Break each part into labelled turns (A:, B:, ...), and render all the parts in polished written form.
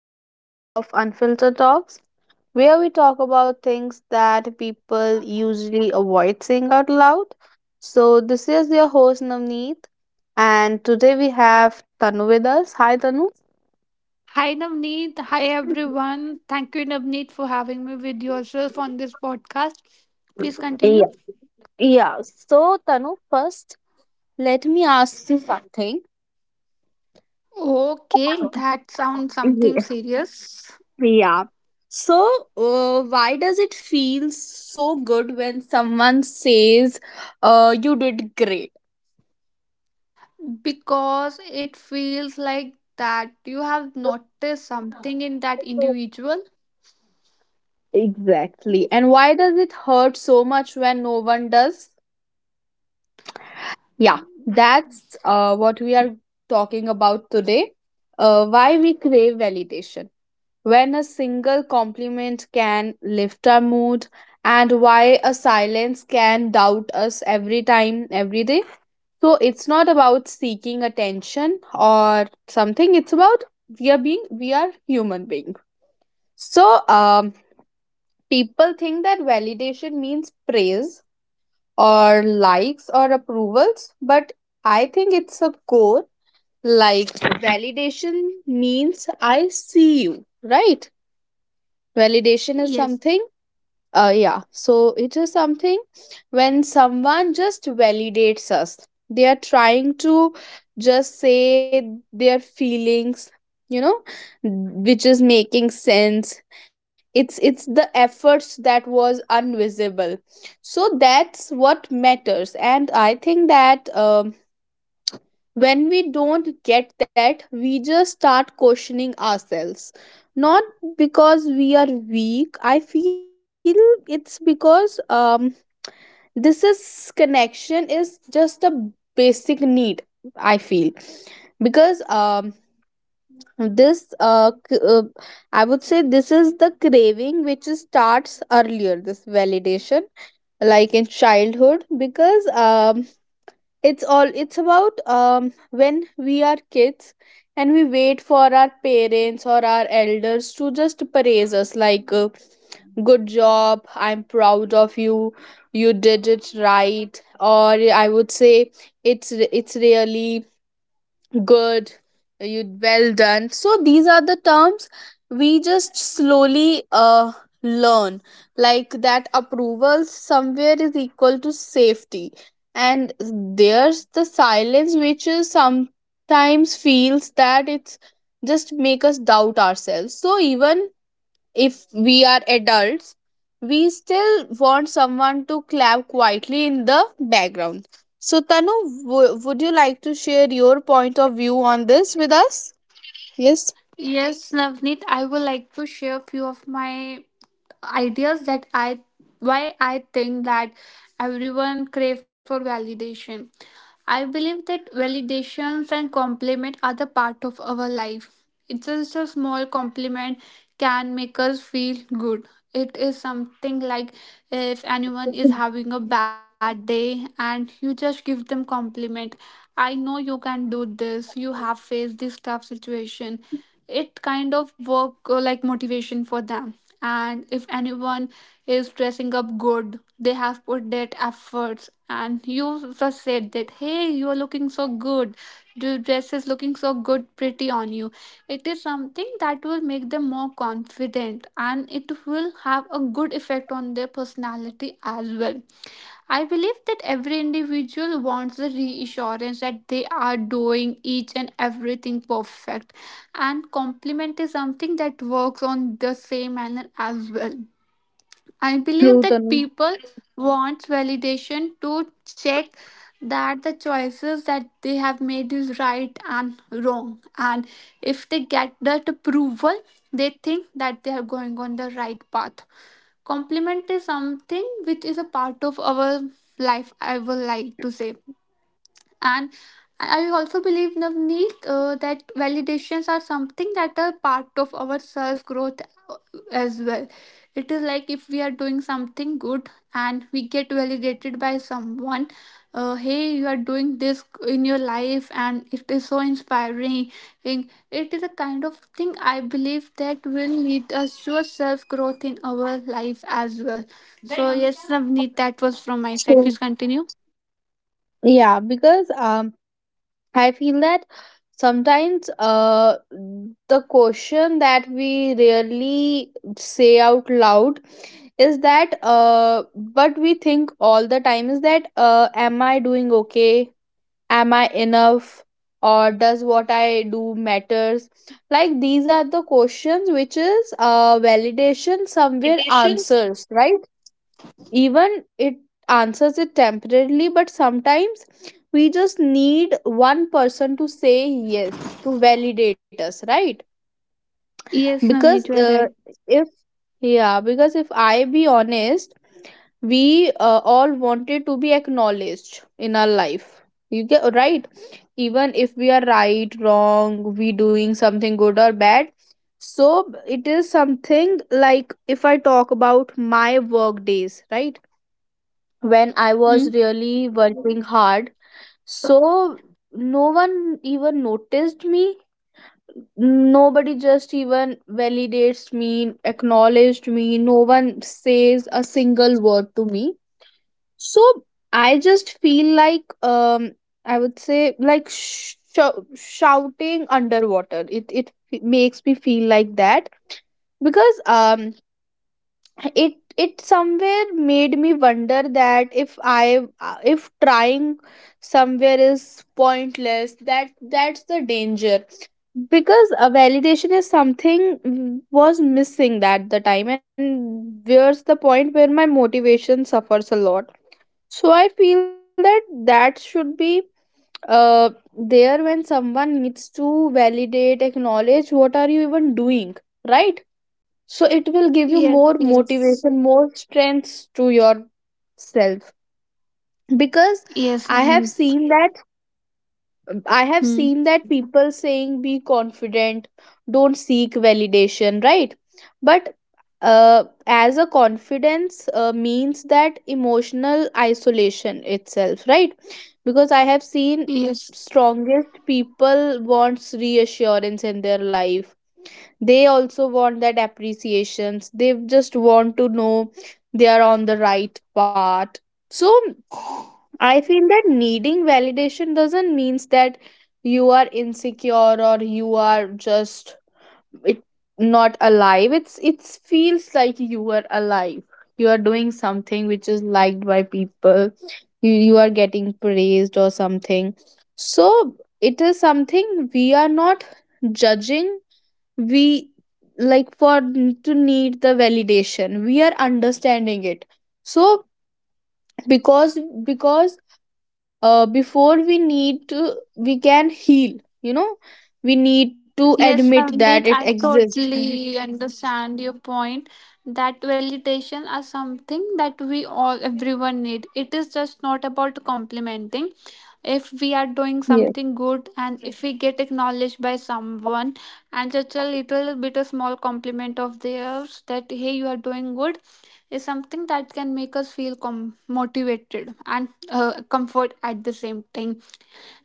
A: episode of Unfiltered Talks, where we talk about things that people usually avoid saying out loud. So, this is your host, Navneet, and today we have Tanu with us. Hi, Tanu.
B: Hi Navneet, hi everyone. Thank you Navneet for having me with yourself on this podcast. Please continue.
A: Yeah, yeah. So Tanu, first let me ask you something.
B: Okay, that sounds something serious
A: Yeah. So, why does it feel so good when someone says, you did great?
B: because it feels like that you have noticed something in that individual.
A: Exactly. And why does it hurt so much when no one does? Yeah, that's what we are talking about today. Why we crave validation. When a single compliment can lift our mood, and why a silence can doubt us every time, every day. So it's not about seeking attention or something. It's about we are human being. So, people think that validation means praise or likes or approvals, but I think it's a core. Like validation means I see you, right? Validation is
B: Yes.
A: something. Yeah, so it is something when someone just validates us. They are trying to just say their feelings, you know, which is making sense. It's the efforts that was invisible. So that's what matters, and I think that when we don't get that, we just start questioning ourselves. Not because we are weak. I feel it's because this is connection is just a basic need, I feel, because this uh, c- uh I would say this is the craving which is starts earlier, this validation, like in childhood, because it's all, it's about when we are kids and we wait for our parents or our elders to just praise us, like, good job, I'm proud of you, you did it right, or I would say it's really good, you, well done. So these are the terms we just slowly learn, like, that approval somewhere is equal to safety, and there's the silence which is sometimes feels that it's just make us doubt ourselves. So even if we are adults, we still want someone to clap quietly in the background. So, Tanu, would you like to share your point of view on this with us? Yes.
B: Yes, Navneet, I would like to share a few of my ideas that I why I think that everyone crave for validation. I believe that validations and compliment are the part of our life. It's just a small compliment can make us feel good. It is something like if anyone is having a bad day and you just give them compliment. I know you can do this. You have faced this tough situation. It kind of work like motivation for them. And if anyone is dressing up good. They have put their efforts, and you just said that, hey, you're looking so good. Your dress is looking so good, pretty on you. It is something that will make them more confident and it will have a good effect on their personality as well. I believe that every individual wants the reassurance that they are doing each and everything perfect, and compliment is something that works on the same manner as well. I believe
A: True,
B: that
A: Tanu.
B: people want validation to check that the choices that they have made is right and wrong. And if they get that approval, they think that they are going on the right path. Compliment is something which is a part of our life, I would like to say. And I also believe, Navneet, that validations are something that are part of our self growth as well. It is like if we are doing something good and we get validated by someone, hey, you are doing this in your life and it is so inspiring. And it is a kind of thing I believe that will lead us to a self growth in our life as well. So, yes, Navneet, that was from my side.
A: True.
B: Please continue.
A: Yeah, because I feel that sometimes the question that we rarely say out loud is that, but we think all the time, is that, am I doing okay? Am I enough? Or does what I do matters? Like, these are the questions which is, validation somewhere answers, right? Even it answers it temporarily, but sometimes we just need one person to say yes, to validate us, right?
B: Yes,
A: Because
B: Navneet, you are right.
A: if, yeah, because if I be honest, we all wanted to be acknowledged in our life, you get, right? Even if we are right, wrong, we doing something good or bad. So it is something like, if I talk about my work days, right, when I was really working hard, so no one even noticed me, nobody just even validates me, acknowledged me, no one says a single word to me. So I just feel like, I would say, like, shouting underwater, it makes me feel like that, because it somewhere made me wonder that if I, if trying somewhere is pointless, that's the danger, because a validation is something, was missing at the time, and where's the point where my motivation suffers a lot. So I feel that that should be uh there when someone needs to validate, acknowledge what are you even doing, right? So it will give you
B: Yes,
A: more
B: yes.
A: motivation, more strengths to yourself. Because
B: Yes,
A: I have
B: Namit.
A: seen that, I have
B: Hmm.
A: seen that people saying be confident, don't seek validation, right? But as a confidence means that emotional isolation itself, right? Because I have seen
B: Yes,
A: strongest people wants reassurance in their life. They also want that appreciations, they just want to know they are on the right path. So I feel that needing validation doesn't means that you are insecure, or you are just it, not alive. It's, it feels like you are alive, you are doing something which is liked by people, you are getting praised or something. So it is something we are not judging we, like, to need the validation, we are understanding it. So because because, before we need to, we can heal, you know, we need to
B: yes,
A: admit that
B: Namit.
A: it
B: I
A: exists.
B: totally understand your point that validation is something that we all, everyone need. It is just not about complimenting. If we are doing
A: Yes,
B: something good and if we get acknowledged by someone and just a little bit, a small compliment of theirs that, hey, you are doing good, is something that can make us feel motivated and comfort at the same time.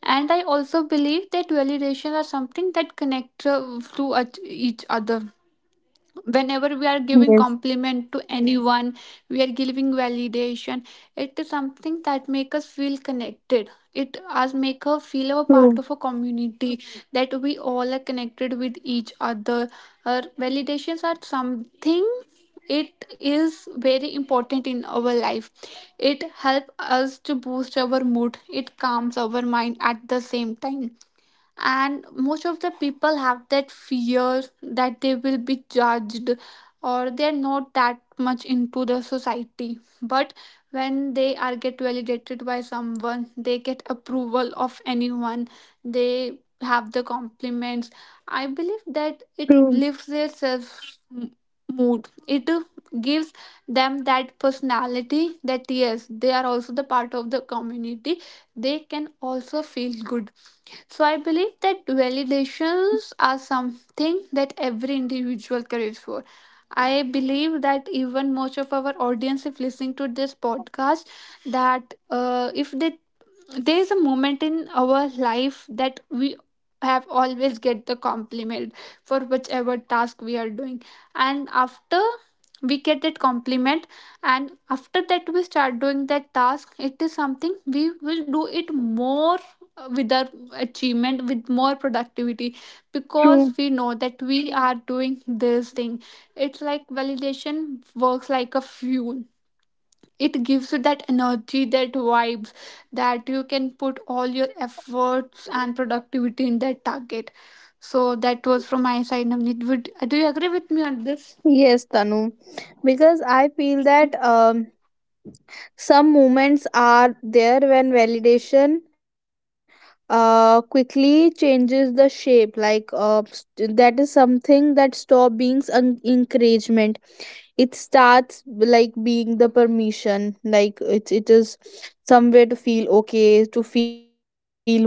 B: And I also believe that validation are something that connect to each other. Whenever we are giving
A: yes.
B: compliment to anyone we are giving validation. It is something that make us feel connected, it us make us feel a part of
A: True.
B: a community, that we all are connected with each other. Our validations are something, it is very important in our life. It helps us to boost our mood, it calms our mind at the same time. And most of the people have that fear that they will be judged or they're not that much into the society, but when they are get validated by someone, they get approval of anyone, they have the compliments. I believe that it
A: True.
B: lifts their self m- mood, it gives them that personality that yes they are also the part of the community, they can also feel good. So I believe that validations are something that every individual craves for. I believe that even most of our audience, if listening to this podcast, that if they there is a moment in our life that we have always get the compliment for whichever task we are doing, and after we get that compliment, and after that we start doing that task, it is something we will do it more with our achievement, with more productivity,
A: True.
B: because we know that we are doing this thing. It's like validation works like a fuel, it gives you that energy, that vibes, that you can put all your efforts and productivity in that target. So that was from my side, Navneet. Would do you agree with me on this?
A: Yes, Tanu, because I feel that, some moments are there when validation quickly changes the shape. Like, that is something that stop being encouragement. It starts like being the permission. Like, it is somewhere to feel okay, to feel worthy.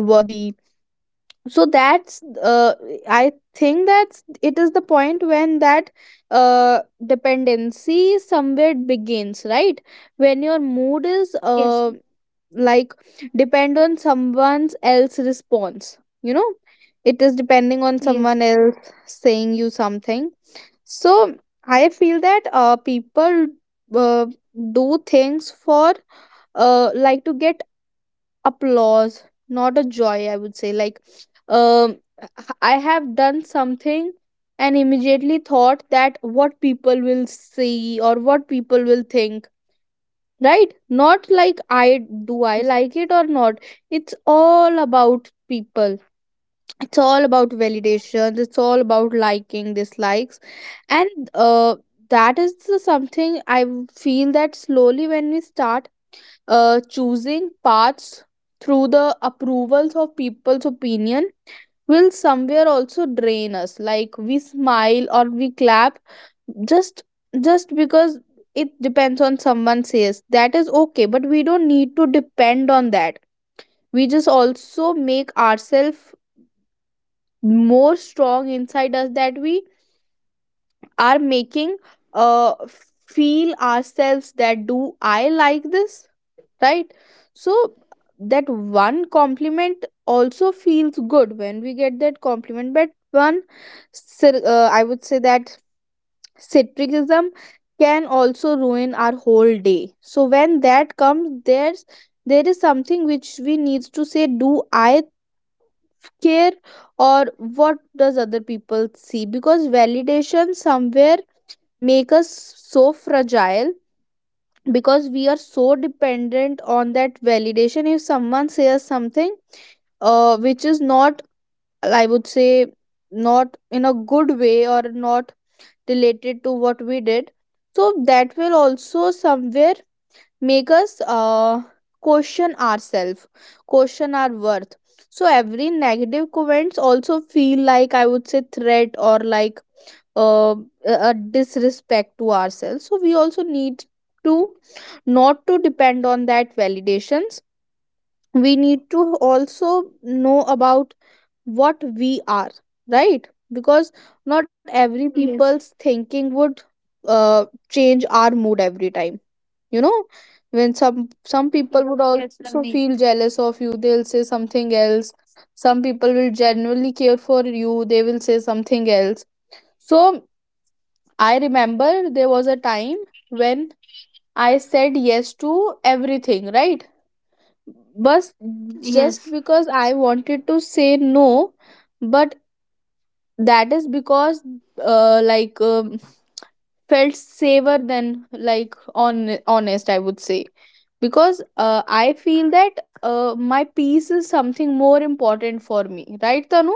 A: So that's I think that's, it is the point when that uh dependency somewhere begins, right, when your mood is
B: Yes,
A: like depend on someone else's response, you know, it is depending on
B: yes,
A: someone else saying you something. So I feel that, people uh, do things for, like, to get applause, not a joy, I would say, like, um I have done something and immediately thought that what people will see or what people will think, right, not like I do I
B: yes,
A: like it or not. It's all about people, it's all about validations, it's all about liking, dislikes. And that is the something I feel that slowly when we start choosing paths through the approvals of people's opinion, will somewhere also drain us, like we smile or we clap, just just because, it depends on someone says that is okay, but we don't need to depend on that. We just also make ourselves more strong inside us, that we are making uh feel ourselves that do I like this, right? So that one compliment also feels good when we get that compliment, but one I would say that citricism can also ruin our whole day. So when that comes, there is something which we needs to say, do I care, or what does other people see, because validation somewhere make us so fragile, because we are so dependent on that validation. If someone says something, which is not, I would say, not in a good way or not related to what we did, so that will also somewhere make us, question ourselves, question our worth. So every negative comments also feel like, I would say, threat, or like, uh, a disrespect to ourselves. So we also need to not to depend on that validations, we need to also know about what we are, right? Because not every
B: yes,
A: people's thinking would, change our mood every time, you know, when some people would
B: yes,
A: also
B: Navneet.
A: feel jealous of you, they'll say something else. Some people will genuinely care for you, they will say something else. So I remember there was a time when I said yes to everything, right, but just
B: Yes,
A: because I wanted to say no, but that is because, like, felt safer than, like, on honest, I would say, because, I feel that, my peace is something more important for me, right, Tanu?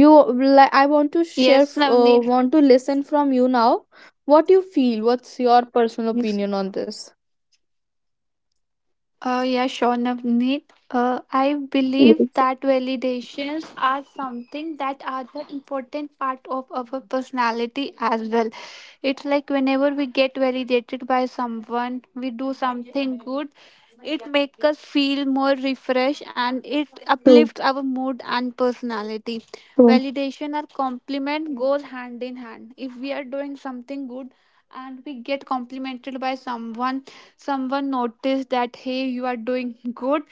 A: You, like, I want to share,
B: yes, Navneet.
A: want to listen from you now, what you feel, what's your personal opinion on this.
B: Yeah, sure, Navneet. I believe
A: Yes.
B: that validations are something that are the important part of our personality as well. It's like whenever we get validated by someone, we do something good, it makes us feel more refreshed and it
A: True.
B: uplifts our mood and personality.
A: True.
B: Validation or compliment goes hand in hand. If we are doing something good and we get complimented by someone, someone notice that, hey, you are doing good,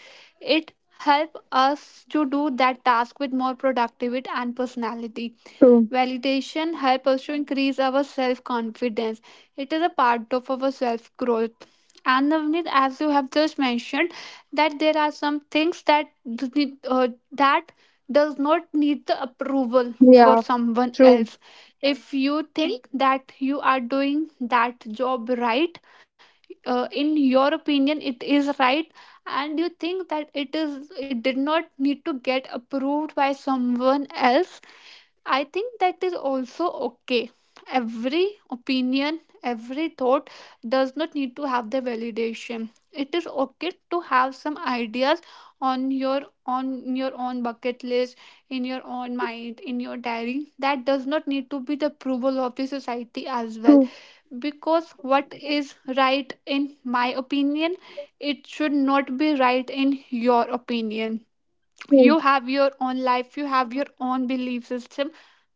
B: it help us to do that task with more productivity and personality.
A: True.
B: Validation help us to increase our self confidence, it is a part of our self growth. And Navneet, as you have just mentioned that there are some things that that does not need the approval for
A: Yeah,
B: someone
A: true.
B: else. If you think that you are doing that job right, in your opinion it is right, and you think that it did not need to get approved by someone else, I think that is also okay. Every opinion, every thought does not need to have the validation. It is okay to have some ideas on your own bucket list, in your own mind, in your diary. That does not need to be the approval of the society as well.
A: True.
B: Because what is right in my opinion, it should not be right in your opinion.
A: True.
B: You have your own life, you have your own belief system,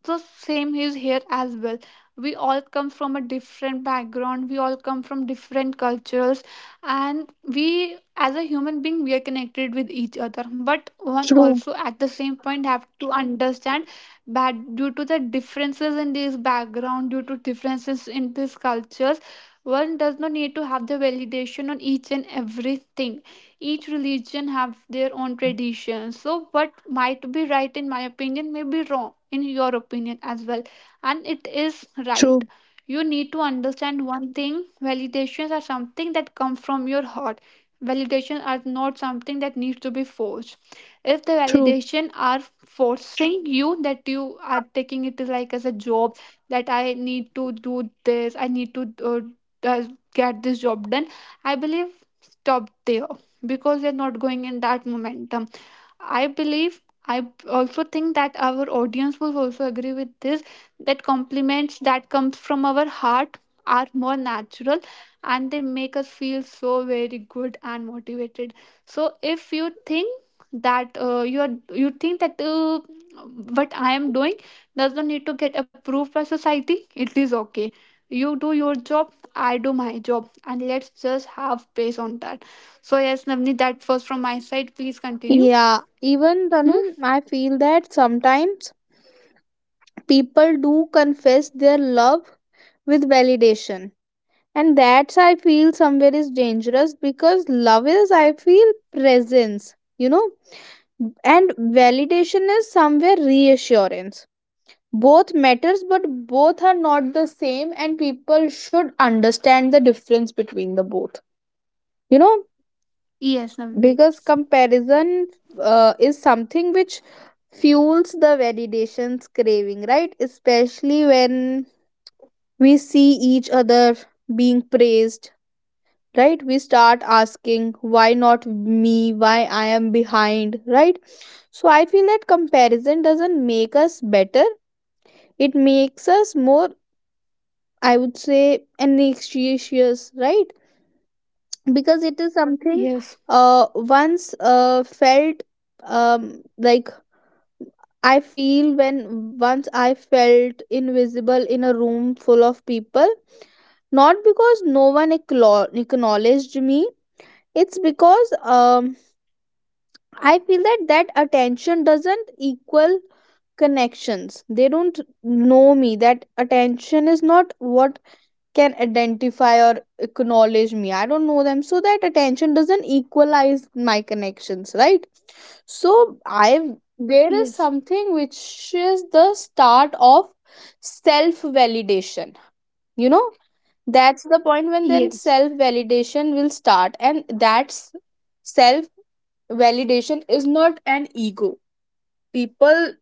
B: so same is here as well. We all come from a different background, we all come from different cultures, and we as a human being we are connected with each other, but one
A: True.
B: also at the same point have to understand that due to the differences in this background, due to differences in these cultures, one does not need to have the validation on each and everything. Each religion have their own traditions, so what might be right in my opinion may be wrong in your opinion as well, and
A: True,
B: it is right. You need to understand one thing, validations are something that come from your heart. Validations are not something that needs to be forced.
A: true,
B: If the validation are forcing you, that you are taking it like as a job, that I need to do this, I need to uh, get this job done, I believe stop there, because they're not going in that momentum. I believe, I also think that our audience will also agree with this, that compliments that comes from our heart are more natural, and they make us feel so very good and motivated. So if you think that you think that what I am doing does not need to get approved by society, it is okay. You do your job, I do my job, and let's just have pace on that. So yes, Navni, that was from my side. Please continue.
A: Yeah, even
B: Hmm?
A: Tanu, I feel that sometimes people do confess their love with validation. And that's, I feel, somewhere is dangerous, because love is, I feel, presence, you know, and validation is somewhere reassurance. Both matters, but both are not the same, and people should understand the difference between the both. You know,
B: Yes, Navneet.
A: because comparison, is something which fuels the validations craving, right, especially when we see each other being praised, right, we start asking why not me, why I am behind, right? So I feel that comparison doesn't make us better, it makes us more, I would say, anxious, right? Because it is something
B: Yes,
A: once felt, like, I feel, when once I felt invisible in a room full of people, not because no one acknowledged me, it's because, I feel that that attention doesn't equal connections. They don't know me. That attention is not what can identify or acknowledge me. I don't know them. So that attention doesn't equalize my connections, right? so I there is
B: yes,
A: something which is the start of self validation, you know. That's the point when then
B: yes,
A: self validation will start. And that's self validation is not an ego. People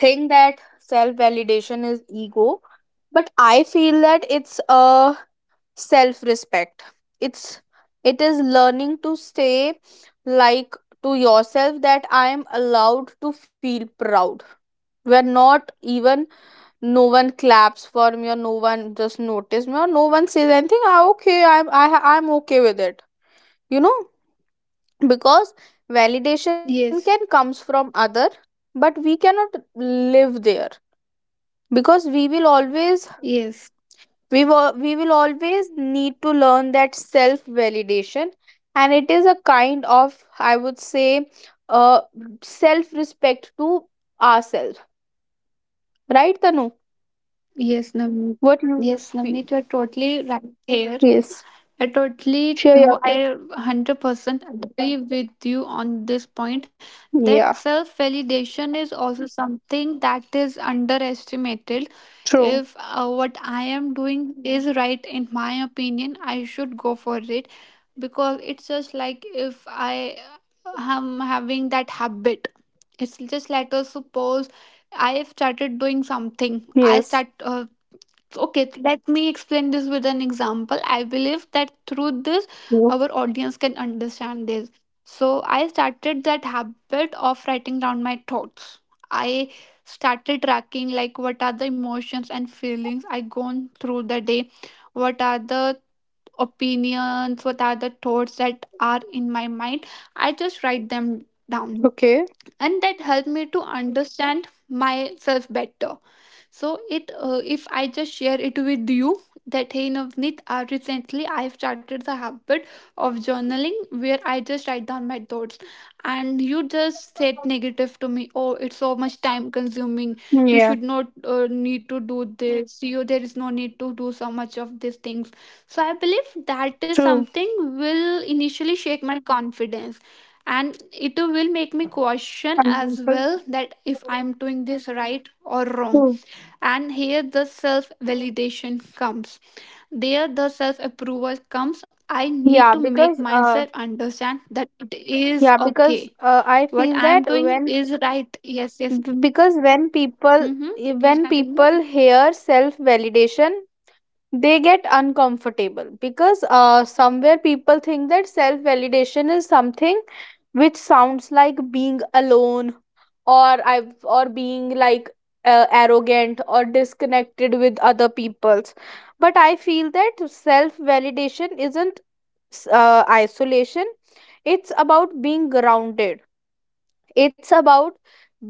A: think that self validation is ego, but I feel that it's a self respect. It's it is learning to say, like, to yourself that I am allowed to feel proud where not even no one claps for me or no one just notice me or no one says anything. Okay, I'm okay with it you know because validation can
B: yes,
A: comes from other, but we cannot live there because we will always
B: yes,
A: we will always need to learn that self validation. And it is a kind of, I would say, uh, self respect to ourselves, right Tanu?
B: yes, Navneet.
A: What you have
B: Yes,
A: feel?
B: Navneet, you're totally right here.
A: Yes,
B: I totally,
A: share your thoughts.
B: I 100% agree with you on this point that
A: Yeah,
B: self validation is also something that is underestimated.
A: true.
B: If what I am doing is right, in my opinion, I should go for it, because it's just like if I am having that habit. It's just, let us suppose I have started doing something, I start,
A: Yes.
B: okay, let me explain this with an example. I believe that through this
A: Yes.
B: our audience can understand this. So I started that habit of writing down my thoughts. I started tracking like what are the emotions and feelings I gone through the day, what are the opinions, what are the thoughts that are in my mind, I just write them down,
A: Okay.
B: and that helped me to understand myself better. So it if I just share it with you that, hey Navneet, recently I've started the habit of journaling, where I just write down my thoughts, and you just said negative to me, oh, it's so much time consuming, you
A: Yeah,
B: should not need to do this, you there is no need to do so much of these things. So I believe that is
A: true.
B: something will initially shake my confidence, and it will make me question
A: And
B: as well that if I'm doing this right or wrong.
A: true.
B: And here the self validation comes. There the self approval comes. I need to
A: Yeah,
B: make
A: because
B: myself understand that it is
A: yeah, because
B: okay.
A: I
B: What
A: feel
B: I am
A: that
B: doing
A: when
B: is right. Yes, yes.
A: Because when people
B: Mm-hmm. Please
A: when
B: continue.
A: people hear self validation, they get uncomfortable because somewhere people think that self validation is something which sounds like being alone or I or being like arrogant or disconnected with other people's. But I feel that self validation isn't isolation. It's about being grounded. It's about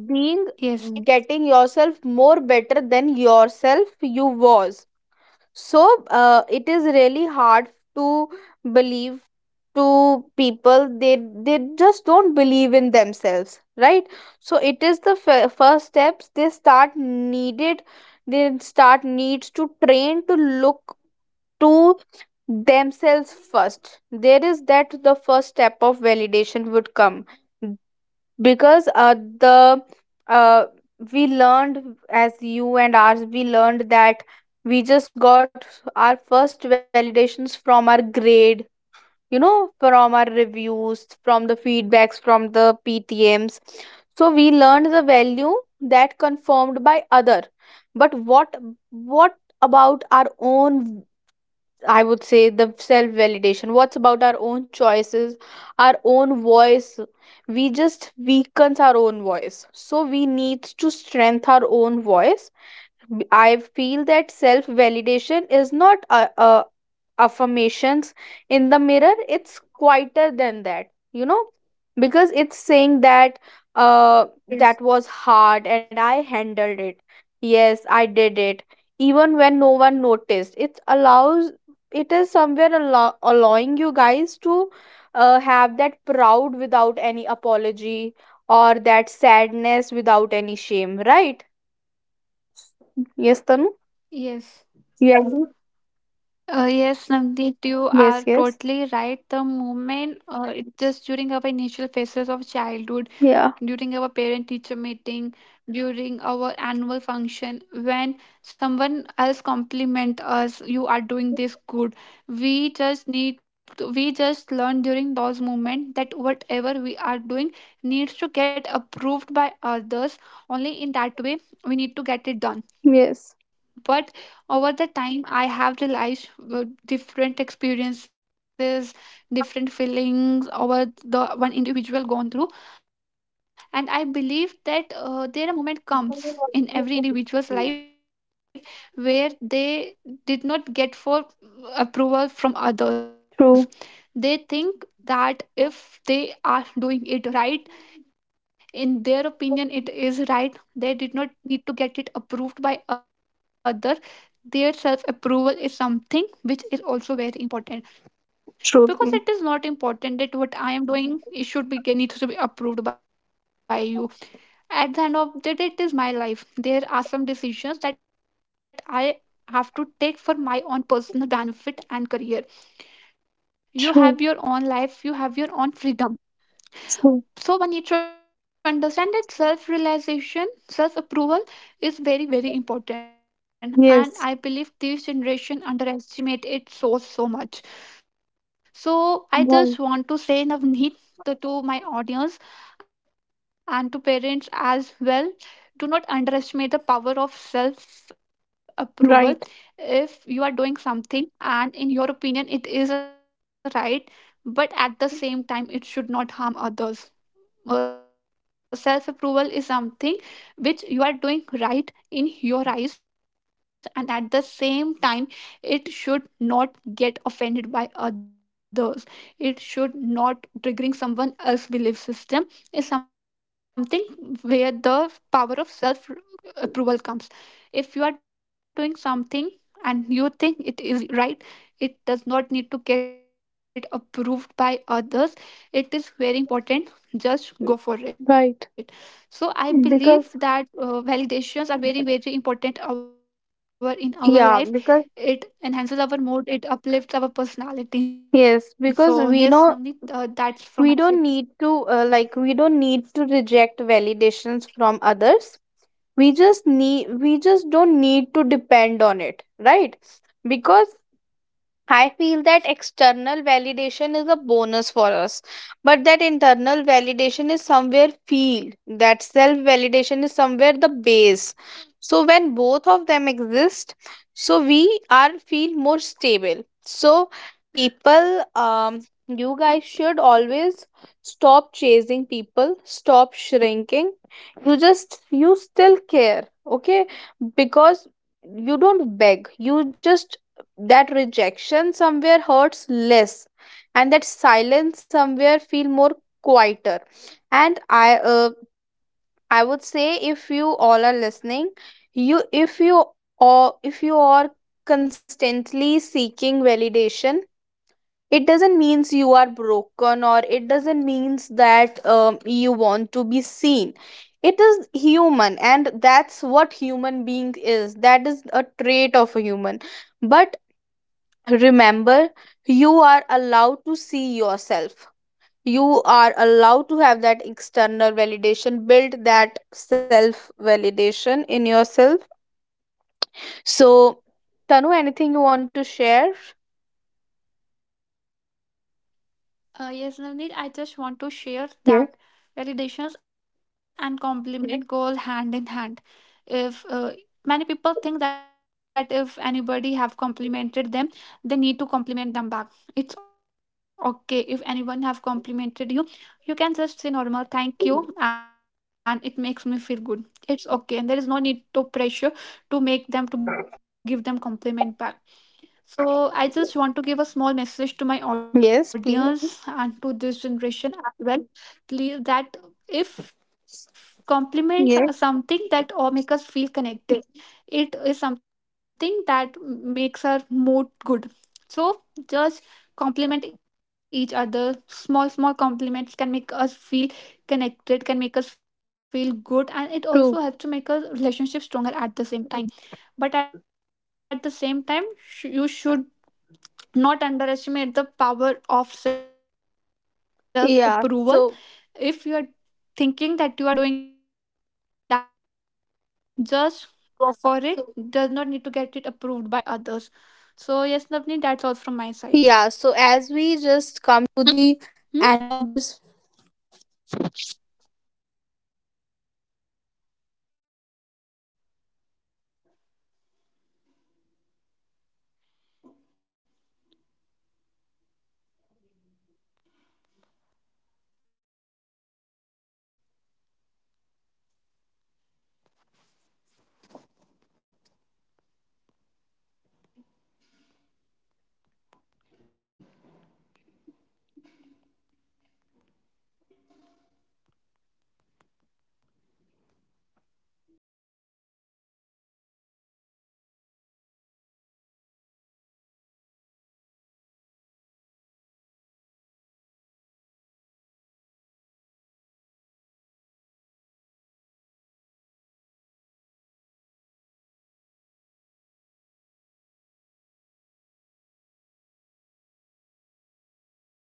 A: being
B: Yes.
A: getting yourself more better than yourself you was. So it is really hard to believe to people. They just don't believe in themselves, right? So it is the first steps they start needed. They start needs to train to look to themselves first. There is that the first step of validation would come. Because the uh, we learned as you and ours, we learned that we just got our first validations from our grade, you know, from our reviews, from the feedbacks, from the PTMs. So we learned the value that confirmed by other. But what about our own? I would say the self validation. What's about our own choices, our own voice? We just weakens our own voice. So we need to strengthen our own voice. I feel that self validation is not affirmations in the mirror. It's quieter than that, you know, because it's saying that that
B: Yes.
A: was hard and I handled it. Yes, I did it, even when no one noticed. It allows, it is somewhere allowing you guys to have that proud without any apology or that sadness without any shame, right? Yes, Tanu?
B: Yes.
A: Yeah.
B: Yes, Navneet, you
A: Yes,
B: are
A: yes.
B: totally right. The moment, it just during our initial phases of childhood,
A: Yeah,
B: during our parent-teacher meeting, during our annual function, when someone else compliment us, you are doing this good. We just need, to, we just learn during those moments that whatever we are doing needs to get approved by others. Only in that way we need to get it
A: yes.
B: done. But over the time I have realized uh, different experiences, different feelings over the one individual gone through. And I believe that there a moment comes in every individual's life where they did not get for approval from
A: True,
B: others. They think that if they are doing it right, in their opinion it is right, they did not need to get it approved by other. Their self approval is something which is also very important,
A: true, mm,
B: because it is not important that what I am doing it should be, it needs to be approved by you. At the end of the day, it is my life. There are some decisions that I have to take for my own personal benefit and career. You
A: true,
B: have your own life, you have your own freedom.
A: true.
B: So one needs to understand that self-realization, self-approval is very, very important. And
A: Yes,
B: I believe this generation underestimate it so, so much. So I
A: right,
B: just want to say Navneet, to my audience and to parents as well, do not underestimate the power of self-approval.
A: right,
B: If you are doing something and in your opinion it is right, but at the same time it should not harm others. Uh, self approval is something which you are doing right in your eyes, and at the same time it should not get offended by others, it should not triggering someone else belief system, is something where the power of self approval comes. If you are doing something and you think it is right, it does not need to get approved by others, it is very important, just go for
A: right.
B: it. So I believe
A: Because,
B: that validations are very very important our in our
A: yeah,
B: life.
A: because,
B: It enhances our mood, it uplifts our
A: yes,
B: personality. So
A: because
B: yes
A: we
B: Navneet,
A: know
B: that's from my
A: we
B: side.
A: don't need to, like, we don't need to reject validations from others. We just don't need to depend on it, right? Because I feel that external validation is a bonus for us, but that internal validation is somewhere feel. That self validation is somewhere the base. So when both of them exist, so we are feel more stable. So people, you guys should always stop chasing people, stop shrinking. You still care, okay? Because you don't beg. You just that rejection somewhere hurts less and that silence somewhere feel more quieter. And I would say if you all are listening, you if you or if you are constantly seeking validation, it doesn't means you are broken, or it doesn't means that you want to be seen. It is human, and that's what human being is. That is a trait of a human. But remember, you are allowed to see yourself. You are allowed to have that external validation, build that self validation in yourself. So, Tanu, anything you want to share?
B: Yes, Navneet, I just want to share
A: Yes.
B: that validations and compliment goes hand in hand. If many people think that if anybody have complimented them, they need to compliment them back. It's okay, if anyone have complimented you, you can just say normal thank you, and it makes me feel good. It's okay, and there is no need to pressure to make them to give them compliment back. So I just want to give a small message to my
A: Yes, please.
B: audience and to this generation as well, please, that if compliments are
A: Yes.
B: something that all make us feel connected, it is something that makes our mood good. So just compliment each other. Small, small compliments can make us feel connected, can make us feel good, and it also
A: True.
B: helps to make our relationship stronger at the same time. But at the same time, you should not underestimate the power of self approval. If you are
A: Yeah.
B: thinking
A: So,
B: that you are doing that job right, just go for it. Does not need to get it approved by others. So, yes, Navni, that's all from my side.
A: yeah. So,
B: Hmm?
A: as we just